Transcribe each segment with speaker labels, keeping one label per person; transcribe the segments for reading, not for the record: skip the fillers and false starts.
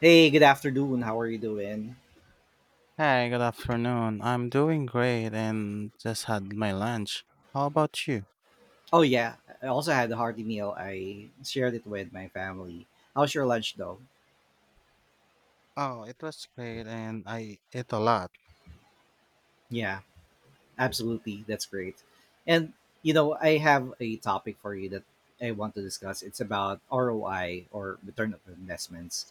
Speaker 1: Hey, good afternoon. How are you doing?
Speaker 2: Hi, good afternoon. I'm doing great and just had my lunch. How about you?
Speaker 1: Oh yeah, I also had a hearty meal. I shared it with my family. How's your lunch though?
Speaker 2: Oh, it was great and I ate a lot.
Speaker 1: Yeah, absolutely. That's great. And you know, I have a topic for you that I want to discuss. It's about ROI or return of investments.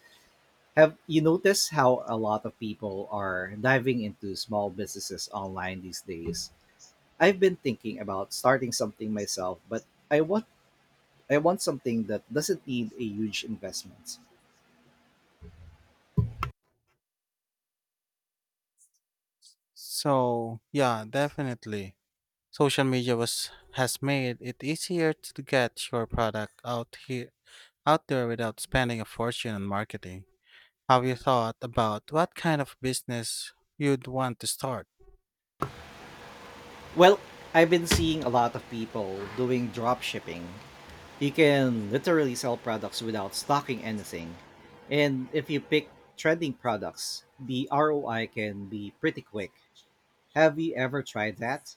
Speaker 1: Have you noticed how a lot of people are diving into small businesses online these days? I've been thinking about starting something myself, but I want I want something that doesn't need a huge investment.
Speaker 2: So, yeah, definitely. Social media was has made it easier to get your product out there without spending a fortune on marketing. Have you thought about what kind of business you'd want to start?
Speaker 1: Well, I've been seeing a lot of people doing drop shipping. You can literally sell products without stocking anything. And if you pick trending products, the ROI can be pretty quick. Have you ever tried that?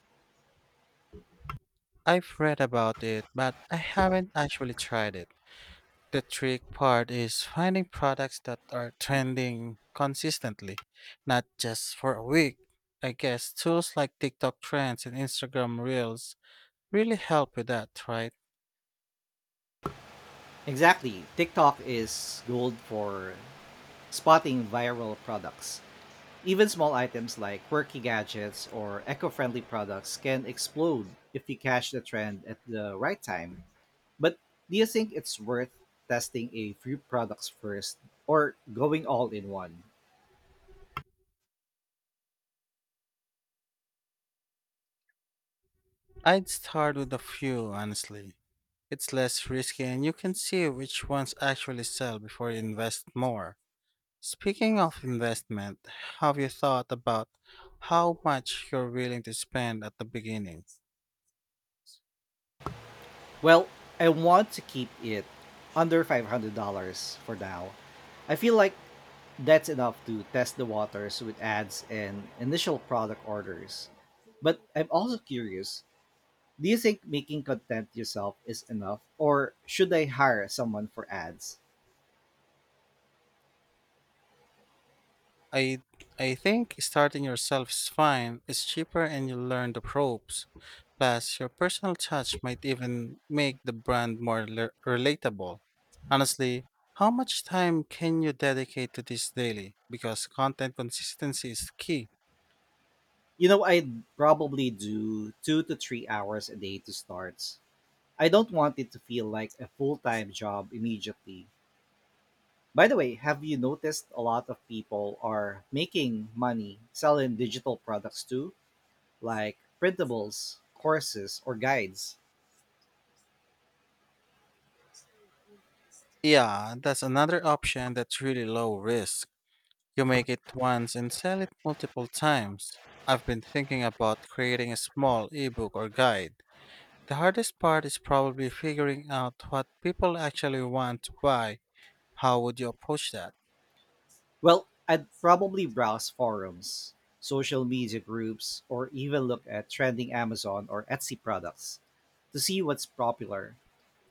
Speaker 2: I've read about it, but I haven't actually tried it. The trick part is finding products that are trending consistently, not just for a week. I guess tools like TikTok trends and Instagram Reels really help with that, right?
Speaker 1: Exactly. TikTok is gold for spotting viral products. Even small items like quirky gadgets or eco friendly products can explode if you catch the trend at the right time. But do you think it's worth testing a few products first or going all in one?
Speaker 2: I'd start with a few, honestly. It's less risky and you can see which ones actually sell before you invest more. Speaking of investment, have you thought about how much you're willing to spend at the beginning?
Speaker 1: Well, I want to keep it under $500 for now. I feel like that's enough to test the waters with ads and initial product orders. But I'm also curious. Do you think making content yourself is enough, or should I hire someone for ads?
Speaker 2: I I think starting yourself is fine. It's cheaper and you learn the ropes. Plus, your personal touch might even make the brand more relatable. Honestly, how much time can you dedicate to this daily? Because content consistency is key.
Speaker 1: You know, I'd probably do 2 to 3 hours a day to start. I don't want it to feel like a full time job immediately. By the way, have you noticed a lot of people are making money selling digital products too, like printables, courses, or guides?
Speaker 2: Yeah, that's another option that's really low risk. You make it once and sell it multiple times. I've been thinking about creating a small ebook or guide. The hardest part is probably figuring out what people actually want to buy. How would you approach that?
Speaker 1: Well, I'd probably browse forums, social media groups, or even look at trending Amazon or Etsy products to see what's popular.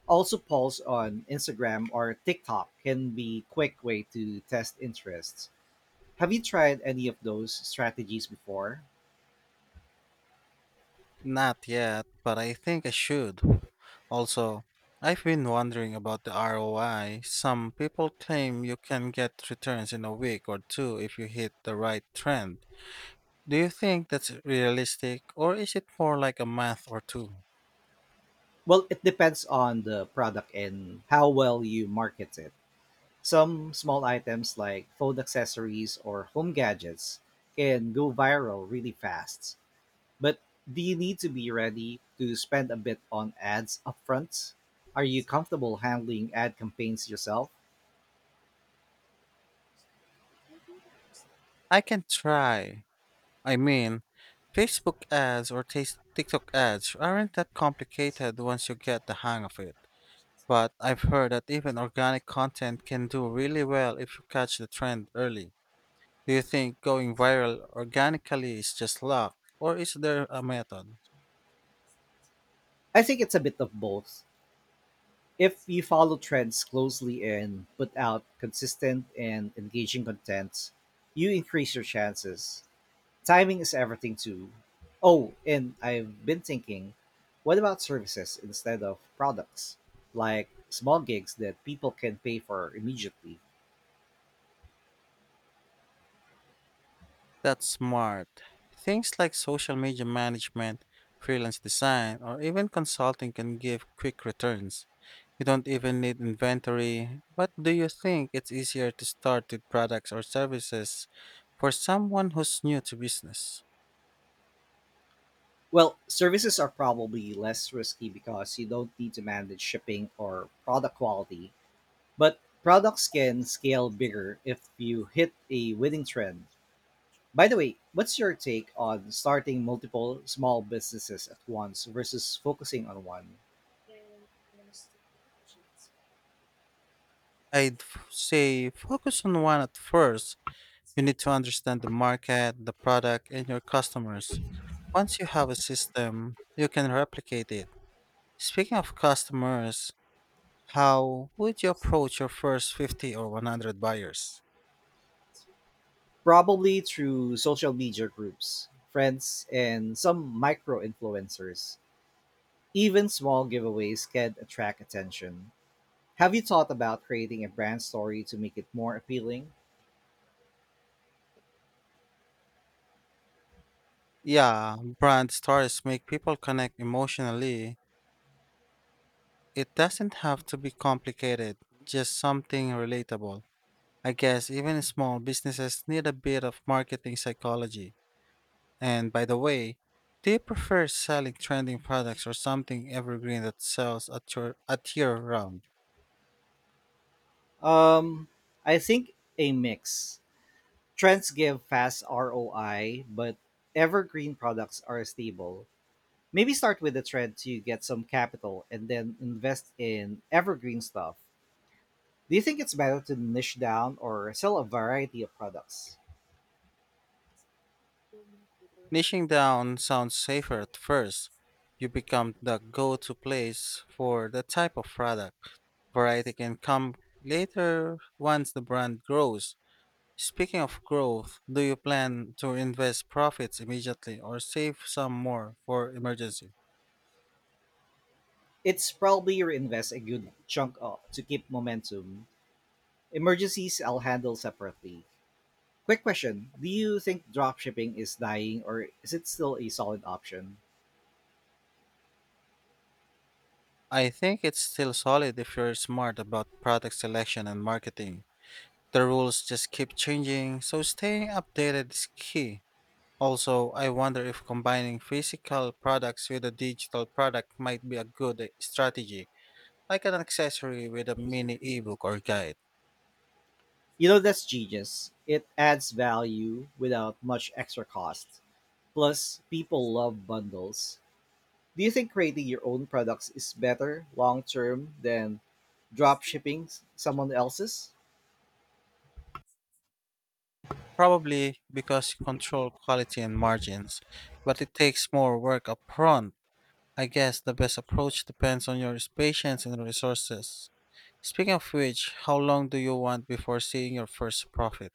Speaker 1: Also, polls on Instagram or TikTok can be quick way to test interests. Have you tried any of those strategies before?
Speaker 2: Not yet, but I think I should. Also, I've been wondering about the ROI. Some people claim you can get returns in a week or two if you hit the right trend. Do you think that's realistic or is it more like a month or two?
Speaker 1: Well, it depends on the product and how well you market it. Some small items like phone accessories or home gadgets can go viral really fast. But do you need to be ready to spend a bit on ads upfront? Are you comfortable handling ad campaigns yourself?
Speaker 2: I can try. I mean, Facebook ads or TikTok ads aren't that complicated once you get the hang of it. But I've heard that even organic content can do really well if you catch the trend early. Do you think going viral organically is just luck, or is there a method?
Speaker 1: I think it's a bit of both. If you follow trends closely and put out consistent and engaging content, you increase your chances. Timing is everything too. Oh, and I've been thinking, what about services instead of products? Like small gigs that people can pay for immediately.
Speaker 2: That's smart. Things like social media management, freelance design, or even consulting can give quick returns. You don't even need inventory. But do you think it's easier to start with products or services for someone who's new to business?
Speaker 1: Well, services are probably less risky because you don't need to manage shipping or product quality, but products can scale bigger if you hit a winning trend. By the way, what's your take on starting multiple small businesses at once versus focusing on one?
Speaker 2: I'd say focus on one at first. You need to understand the market, the product, and your customers. Once you have a system, you can replicate it. Speaking of customers, how would you approach your first 50 or 100 buyers?
Speaker 1: Probably through social media groups, friends, and some micro influencers. Even small giveaways can attract attention. Have you thought about creating a brand story to make it more appealing?
Speaker 2: Yeah, brand stories make people connect emotionally. It doesn't have to be complicated, just something relatable. I guess even small businesses need a bit of marketing psychology. And by the way, do you prefer selling trending products or something evergreen that sells at year round?
Speaker 1: Um, I think a mix. Trends give fast ROI, but evergreen products are stable. Maybe start with a trend to get some capital and then invest in evergreen stuff. Do you think it's better to niche down or sell a variety of products?
Speaker 2: Niching down sounds safer at first. You become the go-to place for the type of product. Variety can come later once the brand grows. Speaking of growth, do you plan to invest profits immediately or save some more for emergency?
Speaker 1: It's probably reinvest a good chunk of, to keep momentum. Emergencies I'll handle separately. Quick question. Do you think dropshipping is dying or is it still a solid option?
Speaker 2: I think it's still solid if you're smart about product selection and marketing. The rules just keep changing, so staying updated is key. Also, I wonder if combining physical products with a digital product might be a good strategy, like an accessory with a mini ebook or guide.
Speaker 1: You know, that's genius. It adds value without much extra cost. Plus, people love bundles. Do you think creating your own products is better long term than drop shipping someone else's?
Speaker 2: Probably because you control quality and margins, but it takes more work upfront. I guess the best approach depends on your patience and resources. Speaking of which, how long do you want before seeing your first profit?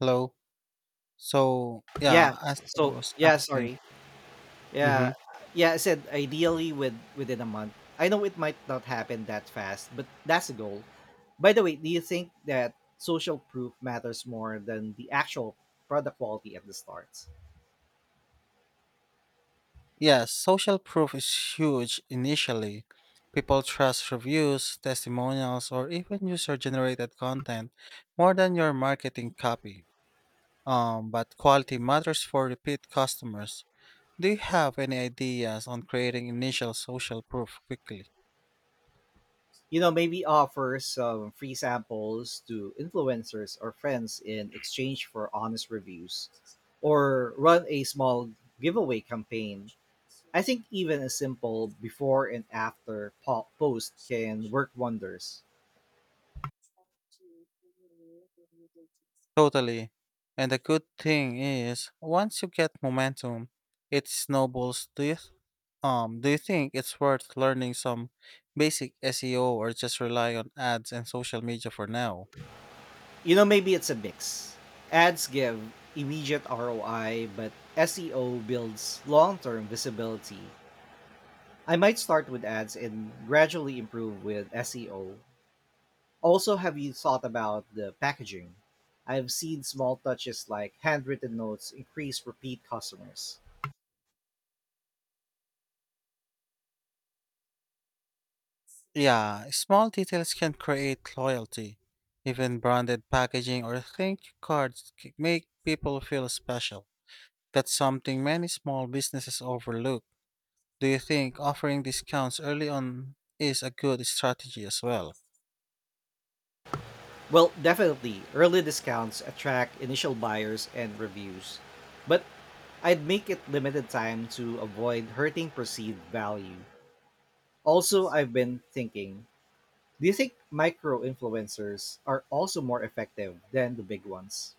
Speaker 2: Hello? So
Speaker 1: Yeah.
Speaker 2: yeah, as I
Speaker 1: So,
Speaker 2: was
Speaker 1: yeah,
Speaker 2: asking.
Speaker 1: sorry. Yeah.
Speaker 2: Mm-hmm.
Speaker 1: Yeah, I said ideally within a month. I know it might not happen that fast, but that's the goal. By the way, do you think that social proof matters more than the actual product quality at the start?
Speaker 2: Yes, social proof is huge initially. People trust reviews, testimonials, or even user-generated content more than your marketing copy. But quality matters for repeat customers. Do you have any ideas on creating initial social proof quickly?
Speaker 1: You know, maybe offer some free samples to influencers or friends in exchange for honest reviews, or run a small giveaway campaign. I think even a simple before and after post can work wonders.
Speaker 2: Totally. And the good thing is, once you get momentum, it snowballs. Do you think it's worth learning some basic SEO or just rely on ads and social media for now?
Speaker 1: You know, maybe it's a mix. Ads give immediate ROI, but SEO builds long-term visibility. I might start with ads and gradually improve with SEO. Also, have you thought about the packaging? I've seen small touches like handwritten notes increase repeat customers.
Speaker 2: Yeah, small details can create loyalty. Even branded packaging or thank you cards make people feel special. That's something many small businesses overlook. Do you think offering discounts early on is a good strategy as well?
Speaker 1: Well, definitely, early discounts attract initial buyers and reviews, but I'd make it limited time to avoid hurting perceived value. Also, I've been thinking, do you think micro influencers are also more effective than the big ones?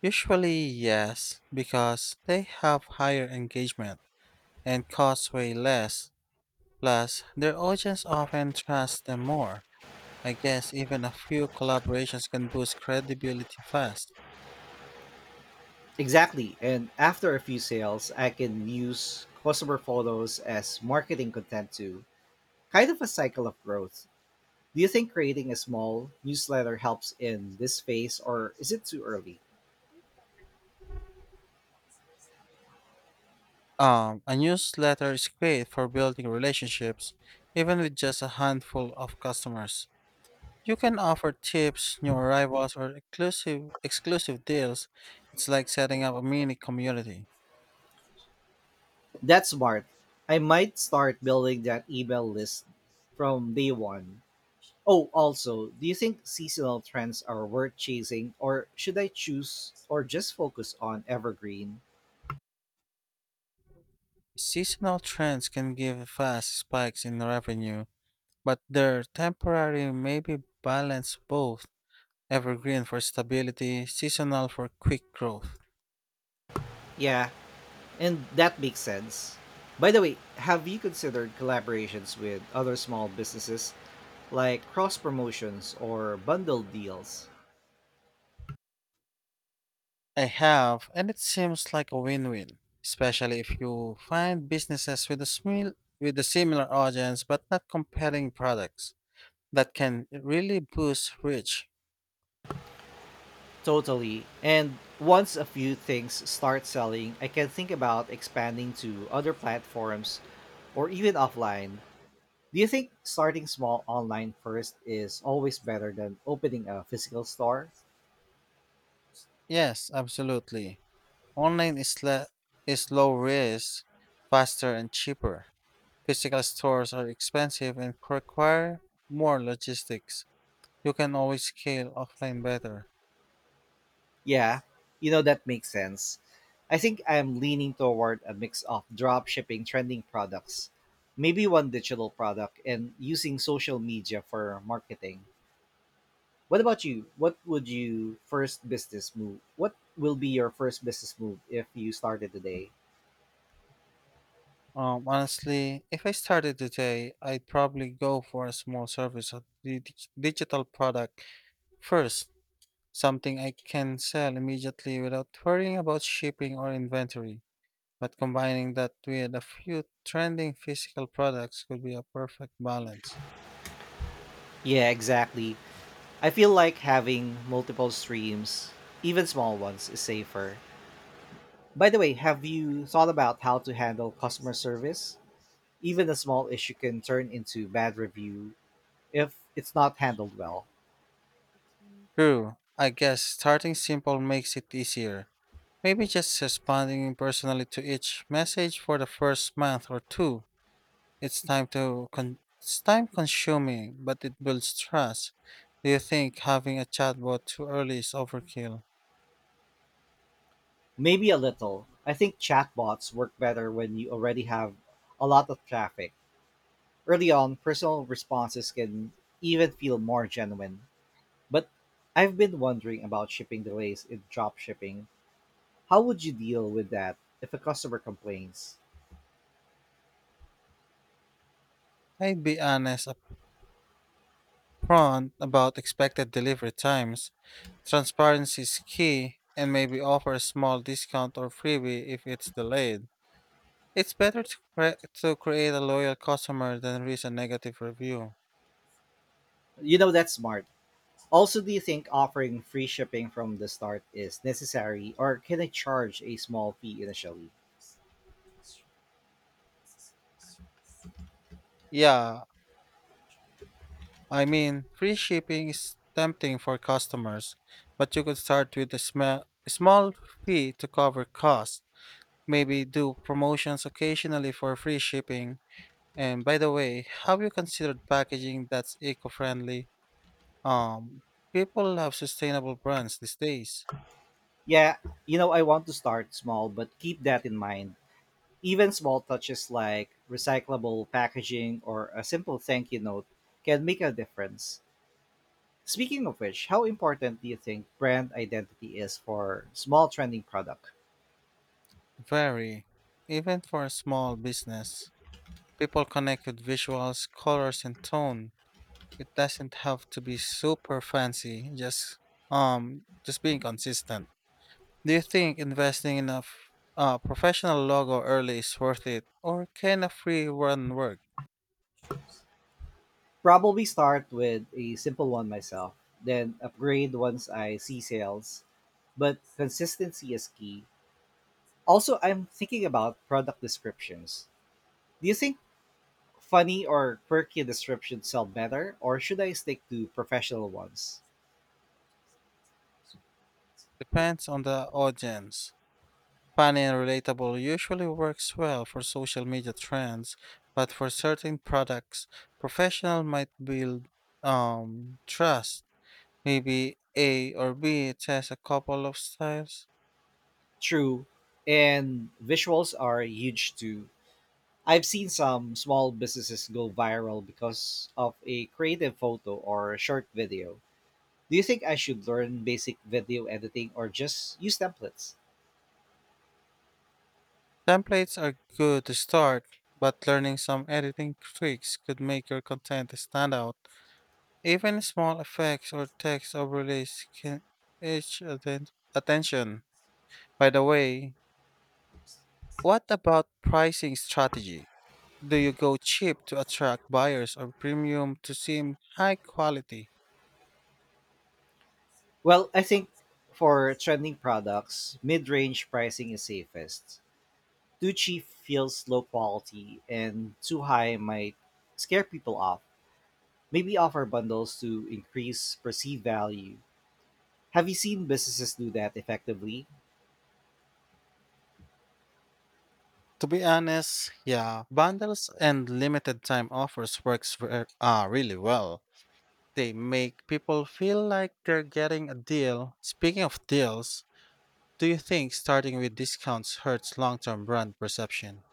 Speaker 2: Usually, yes, because they have higher engagement and cost way less. Plus, their audience often trusts them more. I guess even a few collaborations can boost credibility fast.
Speaker 1: Exactly, and after a few sales, I can use customer photos as marketing content too, kind of a cycle of growth. Do you think creating a small newsletter helps in this phase, or is it too early?
Speaker 2: A newsletter is great for building relationships, even with just a handful of customers. You can offer tips, new arrivals, or exclusive deals. It's like setting up a mini community.
Speaker 1: That's smart. I might start building that email list from day one. Oh, also, do you think seasonal trends are worth chasing, or should I choose or just focus on evergreen?
Speaker 2: Seasonal trends can give fast spikes in revenue, but they're temporary, maybe balance both. Evergreen for stability, seasonal for quick growth.
Speaker 1: Yeah, and that makes sense. By the way, have you considered collaborations with other small businesses like cross promotions or bundle deals?
Speaker 2: I have, and it seems like a win-win, especially if you find businesses with a with a similar audience but not competing products that can really boost reach.
Speaker 1: Totally. And once a few things start selling, I can think about expanding to other platforms or even offline. Do you think starting small online first is always better than opening a physical store?
Speaker 2: Yes, absolutely. Online is low risk, faster and cheaper. Physical stores are expensive and require more logistics. You can always scale offline better.
Speaker 1: Yeah, you know, that makes sense. I think I'm leaning toward a mix of drop shipping trending products, maybe one digital product, and using social media for marketing. What about you? What would you first business move? What will be your first business move if you started today?
Speaker 2: Honestly, if I started today, I'd probably go for a small service or digital product first, something I can sell immediately without worrying about shipping or inventory. But combining that with a few trending physical products could be a perfect balance.
Speaker 1: Yeah, exactly. I feel like having multiple streams, even small ones, is safer. By the way, have you thought about how to handle customer service? Even a small issue can turn into bad review if it's not handled well.
Speaker 2: True, I guess starting simple makes it easier. Maybe just responding personally to each message for the first month or two. It's time consuming, but it builds trust. Do you think having a chatbot too early is overkill?
Speaker 1: Maybe a little. I think chatbots work better when you already have a lot of traffic. Early on, personal responses can even feel more genuine. But I've been wondering about shipping delays in drop shipping. How would you deal with that if a customer complains?
Speaker 2: I'd be honest upfront about expected delivery times. Transparency is key, and maybe offer a small discount or freebie if it's delayed. It's better to create a loyal customer than risk a negative review.
Speaker 1: You know, that's smart. Also, do you think offering free shipping from the start is necessary or can I charge a small fee initially?
Speaker 2: Yeah, I mean, free shipping is tempting for customers, but you could start with a small fee to cover costs. Maybe do promotions occasionally for free shipping. And by the way, have you considered packaging that's eco-friendly? Um, people love sustainable brands these days.
Speaker 1: Yeah, you know, I want to start small, but keep that in mind. Even small touches like recyclable packaging or a simple thank you note can make a difference. Speaking of which, how important do you think brand identity is for small trending product?
Speaker 2: Very, even for a small business. People connect with visuals, colors, and tone. It doesn't have to be super fancy, just um just being consistent. Do you think investing in a professional logo early is worth it or can a free run work?
Speaker 1: Probably start with a simple one myself, then upgrade once I see sales, but consistency is key. Also, I'm thinking about product descriptions. Do you think funny or quirky descriptions sell better, or should I stick to professional ones?
Speaker 2: Depends on the audience. Funny and relatable usually works well for social media trends, but for certain products, professional might build um trust. Maybe A or B test a couple of styles.
Speaker 1: True, and visuals are huge too. I've seen some small businesses go viral because of a creative photo or short video. Do you think I should learn basic video editing or just use templates?
Speaker 2: Templates are good to start, but learning some editing tricks could make your content stand out. Even small effects or text overlays can edge atten- attention. By the way, what about pricing strategy? Do you go cheap to attract buyers or premium to seem high quality?
Speaker 1: Well, I think for trending products, mid range pricing is safest. Too cheap feels low quality, and too high might scare people off. Maybe offer bundles to increase perceived value. Have you seen businesses do that effectively?
Speaker 2: To be honest, yeah, bundles and limited time offers works really well. They make people feel like they're getting a deal. Speaking of deals, do you think starting with discounts hurts long term brand perception?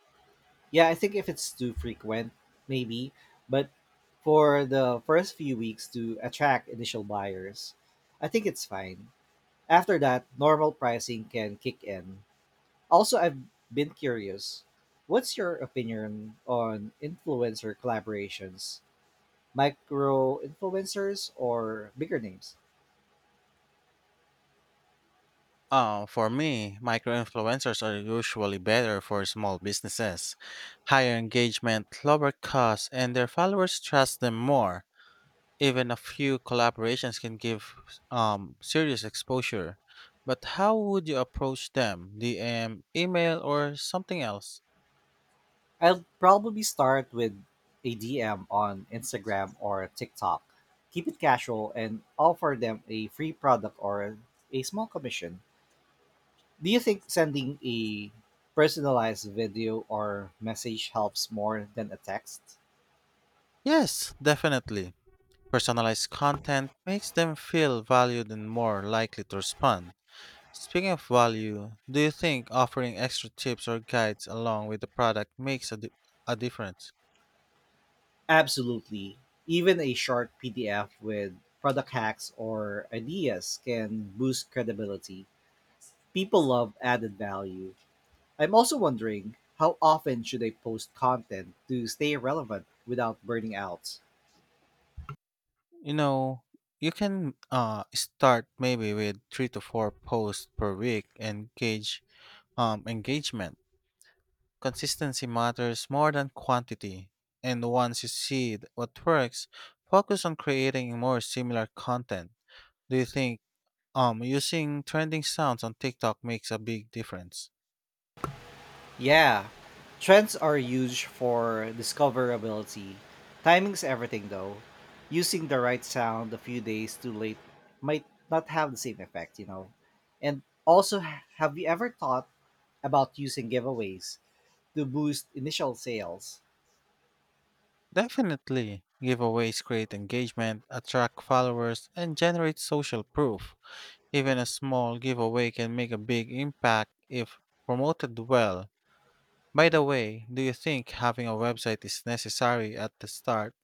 Speaker 1: Yeah, I think if it's too frequent, maybe, but for the first few weeks to attract initial buyers, I think it's fine. After that, normal pricing can kick in. Also, I've been curious, what's your opinion on influencer collaborations? Micro influencers or bigger names?
Speaker 2: For me, micro influencers are usually better for small businesses. Higher engagement, lower costs, and their followers trust them more. Even a few collaborations can give serious exposure. But how would you approach them? DM, email, or something else?
Speaker 1: I'll probably start with a DM on Instagram or TikTok. Keep it casual and offer them a free product or a small commission. Do you think sending a personalized video or message helps more than a text?
Speaker 2: Yes, definitely. Personalized content makes them feel valued and more likely to respond. Speaking of value, do you think offering extra tips or guides along with the product makes a difference?
Speaker 1: Absolutely. Even a short PDF with product hacks or ideas can boost credibility. People love added value. I'm also wondering, how often should I post content to stay relevant without burning out?
Speaker 2: You know, you can start maybe with three to four posts per week and gauge engagement. Consistency matters more than quantity. And once you see what works, focus on creating more similar content. Do you think using trending sounds on TikTok makes a big difference.
Speaker 1: Yeah, trends are huge for discoverability. Timing's everything though. Using the right sound a few days too late might not have the same effect, you know. And also, have you ever thought about using giveaways to boost initial sales?
Speaker 2: Definitely, giveaways create engagement, attract followers, and generate social proof. Even a small giveaway can make a big impact if promoted well. By the way, do you think having a website is necessary at the start,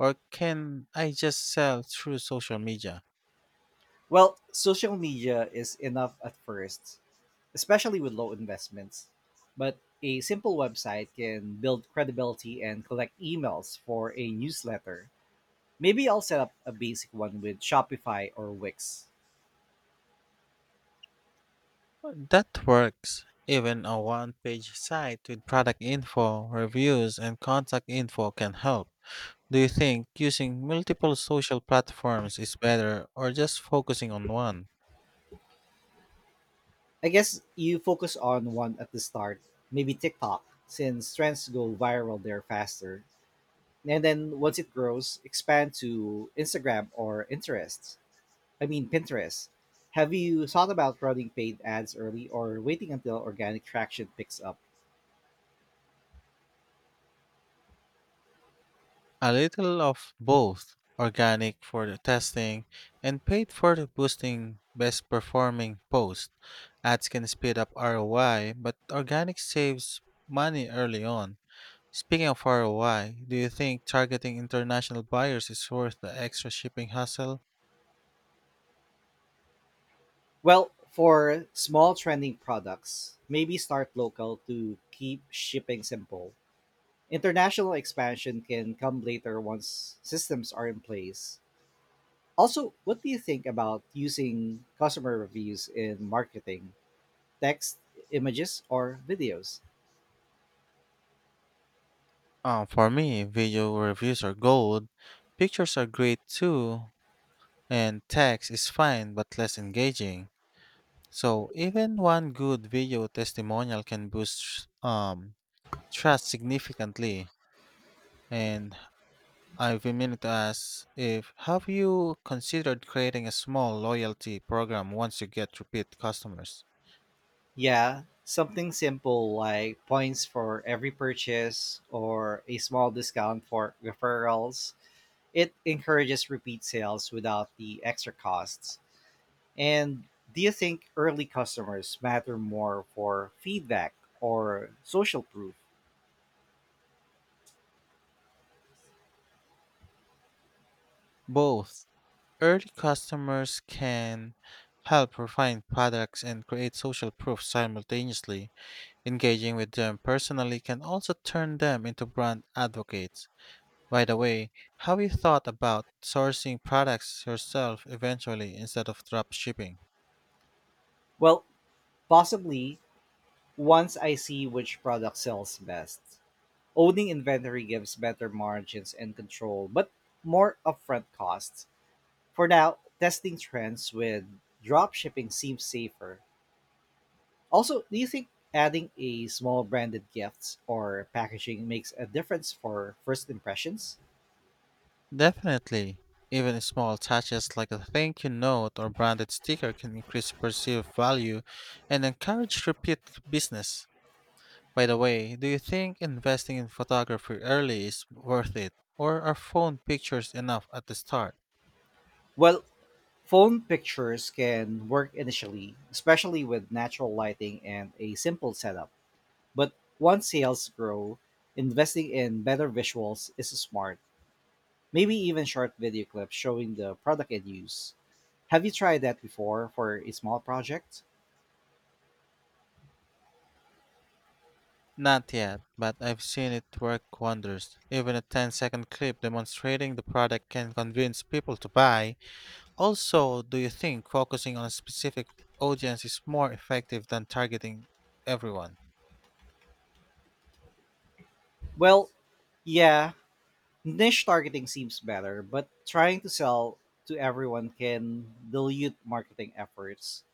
Speaker 2: or can I just sell through social media?
Speaker 1: Well, social media is enough at first, especially with low investments. But a simple website can build credibility and collect emails for a newsletter. Maybe I'll set up a basic one with Shopify or Wix.
Speaker 2: That works. Even a one page site with product info, reviews, and contact info can help. Do you think using multiple social platforms is better or just focusing on one?
Speaker 1: I guess you focus on one at the start, maybe TikTok, since trends go viral there faster. And then once it grows, expand to Instagram or interests. I mean Pinterest. Have you thought about running paid ads early or waiting until organic traction picks up?
Speaker 2: A little of both organic for the testing and paid for the boosting best performing posts. Ads can speed up ROI, but organic saves money early on. Speaking of ROI, do you think targeting international buyers is worth the extra shipping hassle?
Speaker 1: Well, for small trending products, maybe start local to keep shipping simple. International expansion can come later once systems are in place. Also, what do you think about using customer reviews in marketing? Text, images, or videos?
Speaker 2: For me, video reviews are gold. Pictures are great too, and text is fine but less engaging. So even one good video testimonial can boost trust significantly. And I've been meaning to ask if have you considered creating a small loyalty program once you get repeat customers?
Speaker 1: Yeah, something simple like points for every purchase or a small discount for referrals. It encourages repeat sales without the extra costs. And do you think early customers matter more for feedback or social proof?
Speaker 2: Both early customers can help refine products and create social proof simultaneously. Engaging with them personally can also turn them into brand advocates. By the way, have you thought about sourcing products yourself eventually instead of drop shipping?
Speaker 1: Well, possibly once I see which product sells best. Owning inventory gives better margins and control, but more upfront costs. For now, testing trends with drop shipping seems safer. Also, do you think adding a small branded gifts or packaging makes a difference for first impressions?
Speaker 2: Definitely. Even small touches like a thank you note or branded sticker can increase perceived value and encourage repeat business. By the way, do you think investing in photography early is worth it? Or are phone pictures enough at the start?
Speaker 1: Well, phone pictures can work initially, especially with natural lighting and a simple setup. But once sales grow, investing in better visuals is smart. Maybe even short video clips showing the product in use. Have you tried that before for a small project?
Speaker 2: Not yet, but I've seen it work wonders. Even a ten-second clip demonstrating the product can convince people to buy. Also, do you think focusing on a specific audience is more effective than targeting everyone?
Speaker 1: Well, yeah, niche targeting seems better, but trying to sell to everyone can dilute marketing efforts.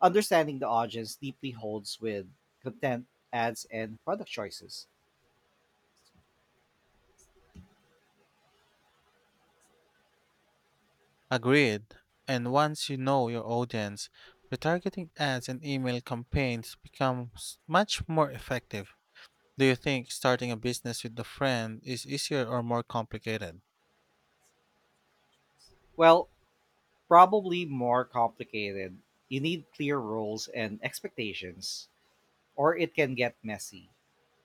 Speaker 1: Understanding the audience deeply holds with content, ads, and product choices.
Speaker 2: Agreed. And once you know your audience, retargeting ads and email campaigns becomes much more effective. Do you think starting a business with a friend is easier or more complicated?
Speaker 1: Well, probably more complicated. You need clear rules and expectations, or it can get messy.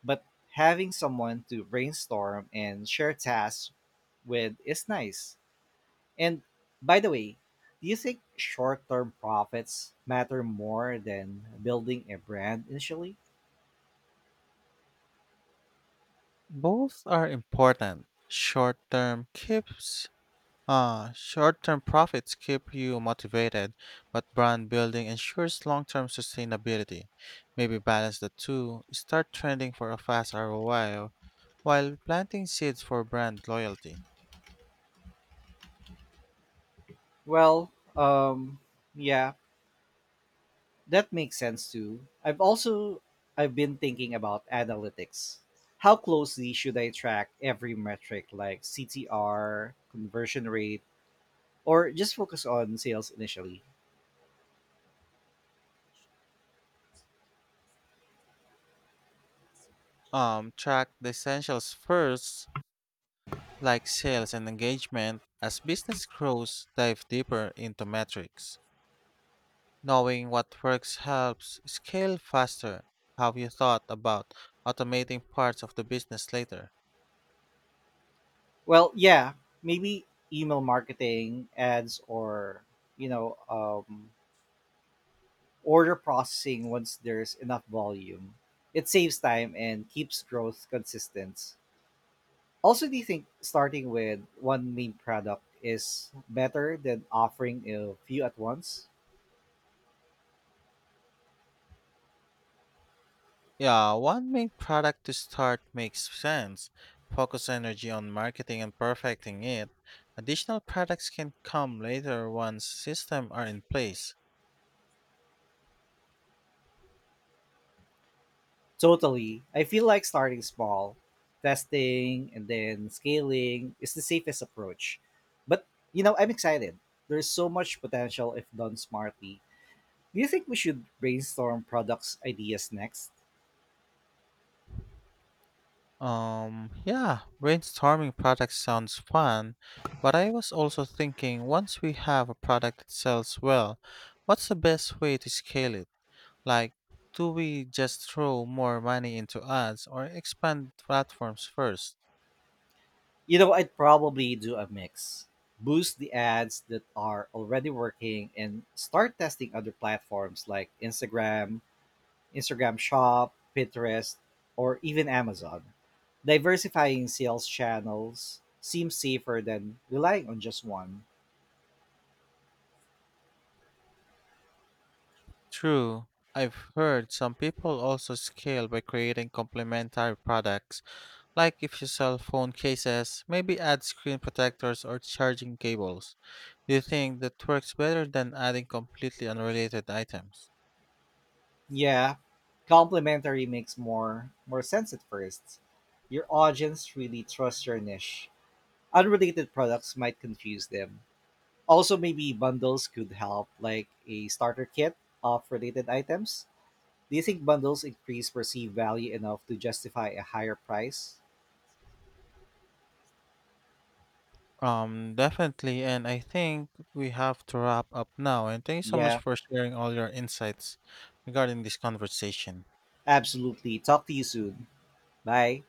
Speaker 1: But having someone to brainstorm and share tasks with is nice. And by the way, do you think short term profits matter more than building a brand initially?
Speaker 2: Both are important. Short-term profits keep you motivated, but brand building ensures long-term sustainability. Maybe balance the two. Start trending for a fast ROI while planting seeds for brand loyalty.
Speaker 1: Well, yeah, that makes sense too. I've been thinking about analytics. How closely should I track every metric like CTR, conversion rate, or just focus on sales initially?
Speaker 2: Track the essentials first, like sales and engagement. As business grows, dive deeper into metrics. Knowing what works helps scale faster. Have you thought about automating parts of the business later?
Speaker 1: Well, yeah, maybe email marketing, ads, or you know, um, order processing once there's enough volume. It saves time and keeps growth consistent. Also, do you think starting with one main product is better than offering a few at once?
Speaker 2: Yeah, one main product to start makes sense. Focus energy on marketing and perfecting it. Additional products can come later once systems are in place.
Speaker 1: Totally. I feel like starting small, testing, and then scaling is the safest approach. But, you know, I'm excited. There's so much potential if done smartly. Do you think we should brainstorm products ideas next?
Speaker 2: Yeah, brainstorming products sounds fun, but I was also thinking once we have a product that sells well, what's the best way to scale it? Like, do we just throw more money into ads or expand platforms first?
Speaker 1: You know, I'd probably do a mix. Boost the ads that are already working and start testing other platforms like Instagram, Instagram Shop, Pinterest, or even Amazon. Diversifying sales channels seems safer than relying on just one.
Speaker 2: True. I've heard some people also scale by creating complementary products, like if you sell phone cases, maybe add screen protectors or charging cables. Do you think that works better than adding completely unrelated items?
Speaker 1: Yeah, complementary makes more sense at first. Your audience really trusts your niche. Unrelated products might confuse them. Also, maybe bundles could help, like a starter kit of related items. Do you think bundles increase perceived value enough to justify a higher price?
Speaker 2: Definitely, and I think we have to wrap up now. And thank you so much
Speaker 1: Yeah,
Speaker 2: for sharing all your insights regarding this conversation.
Speaker 1: absolutely. Talk to you soon. Bye.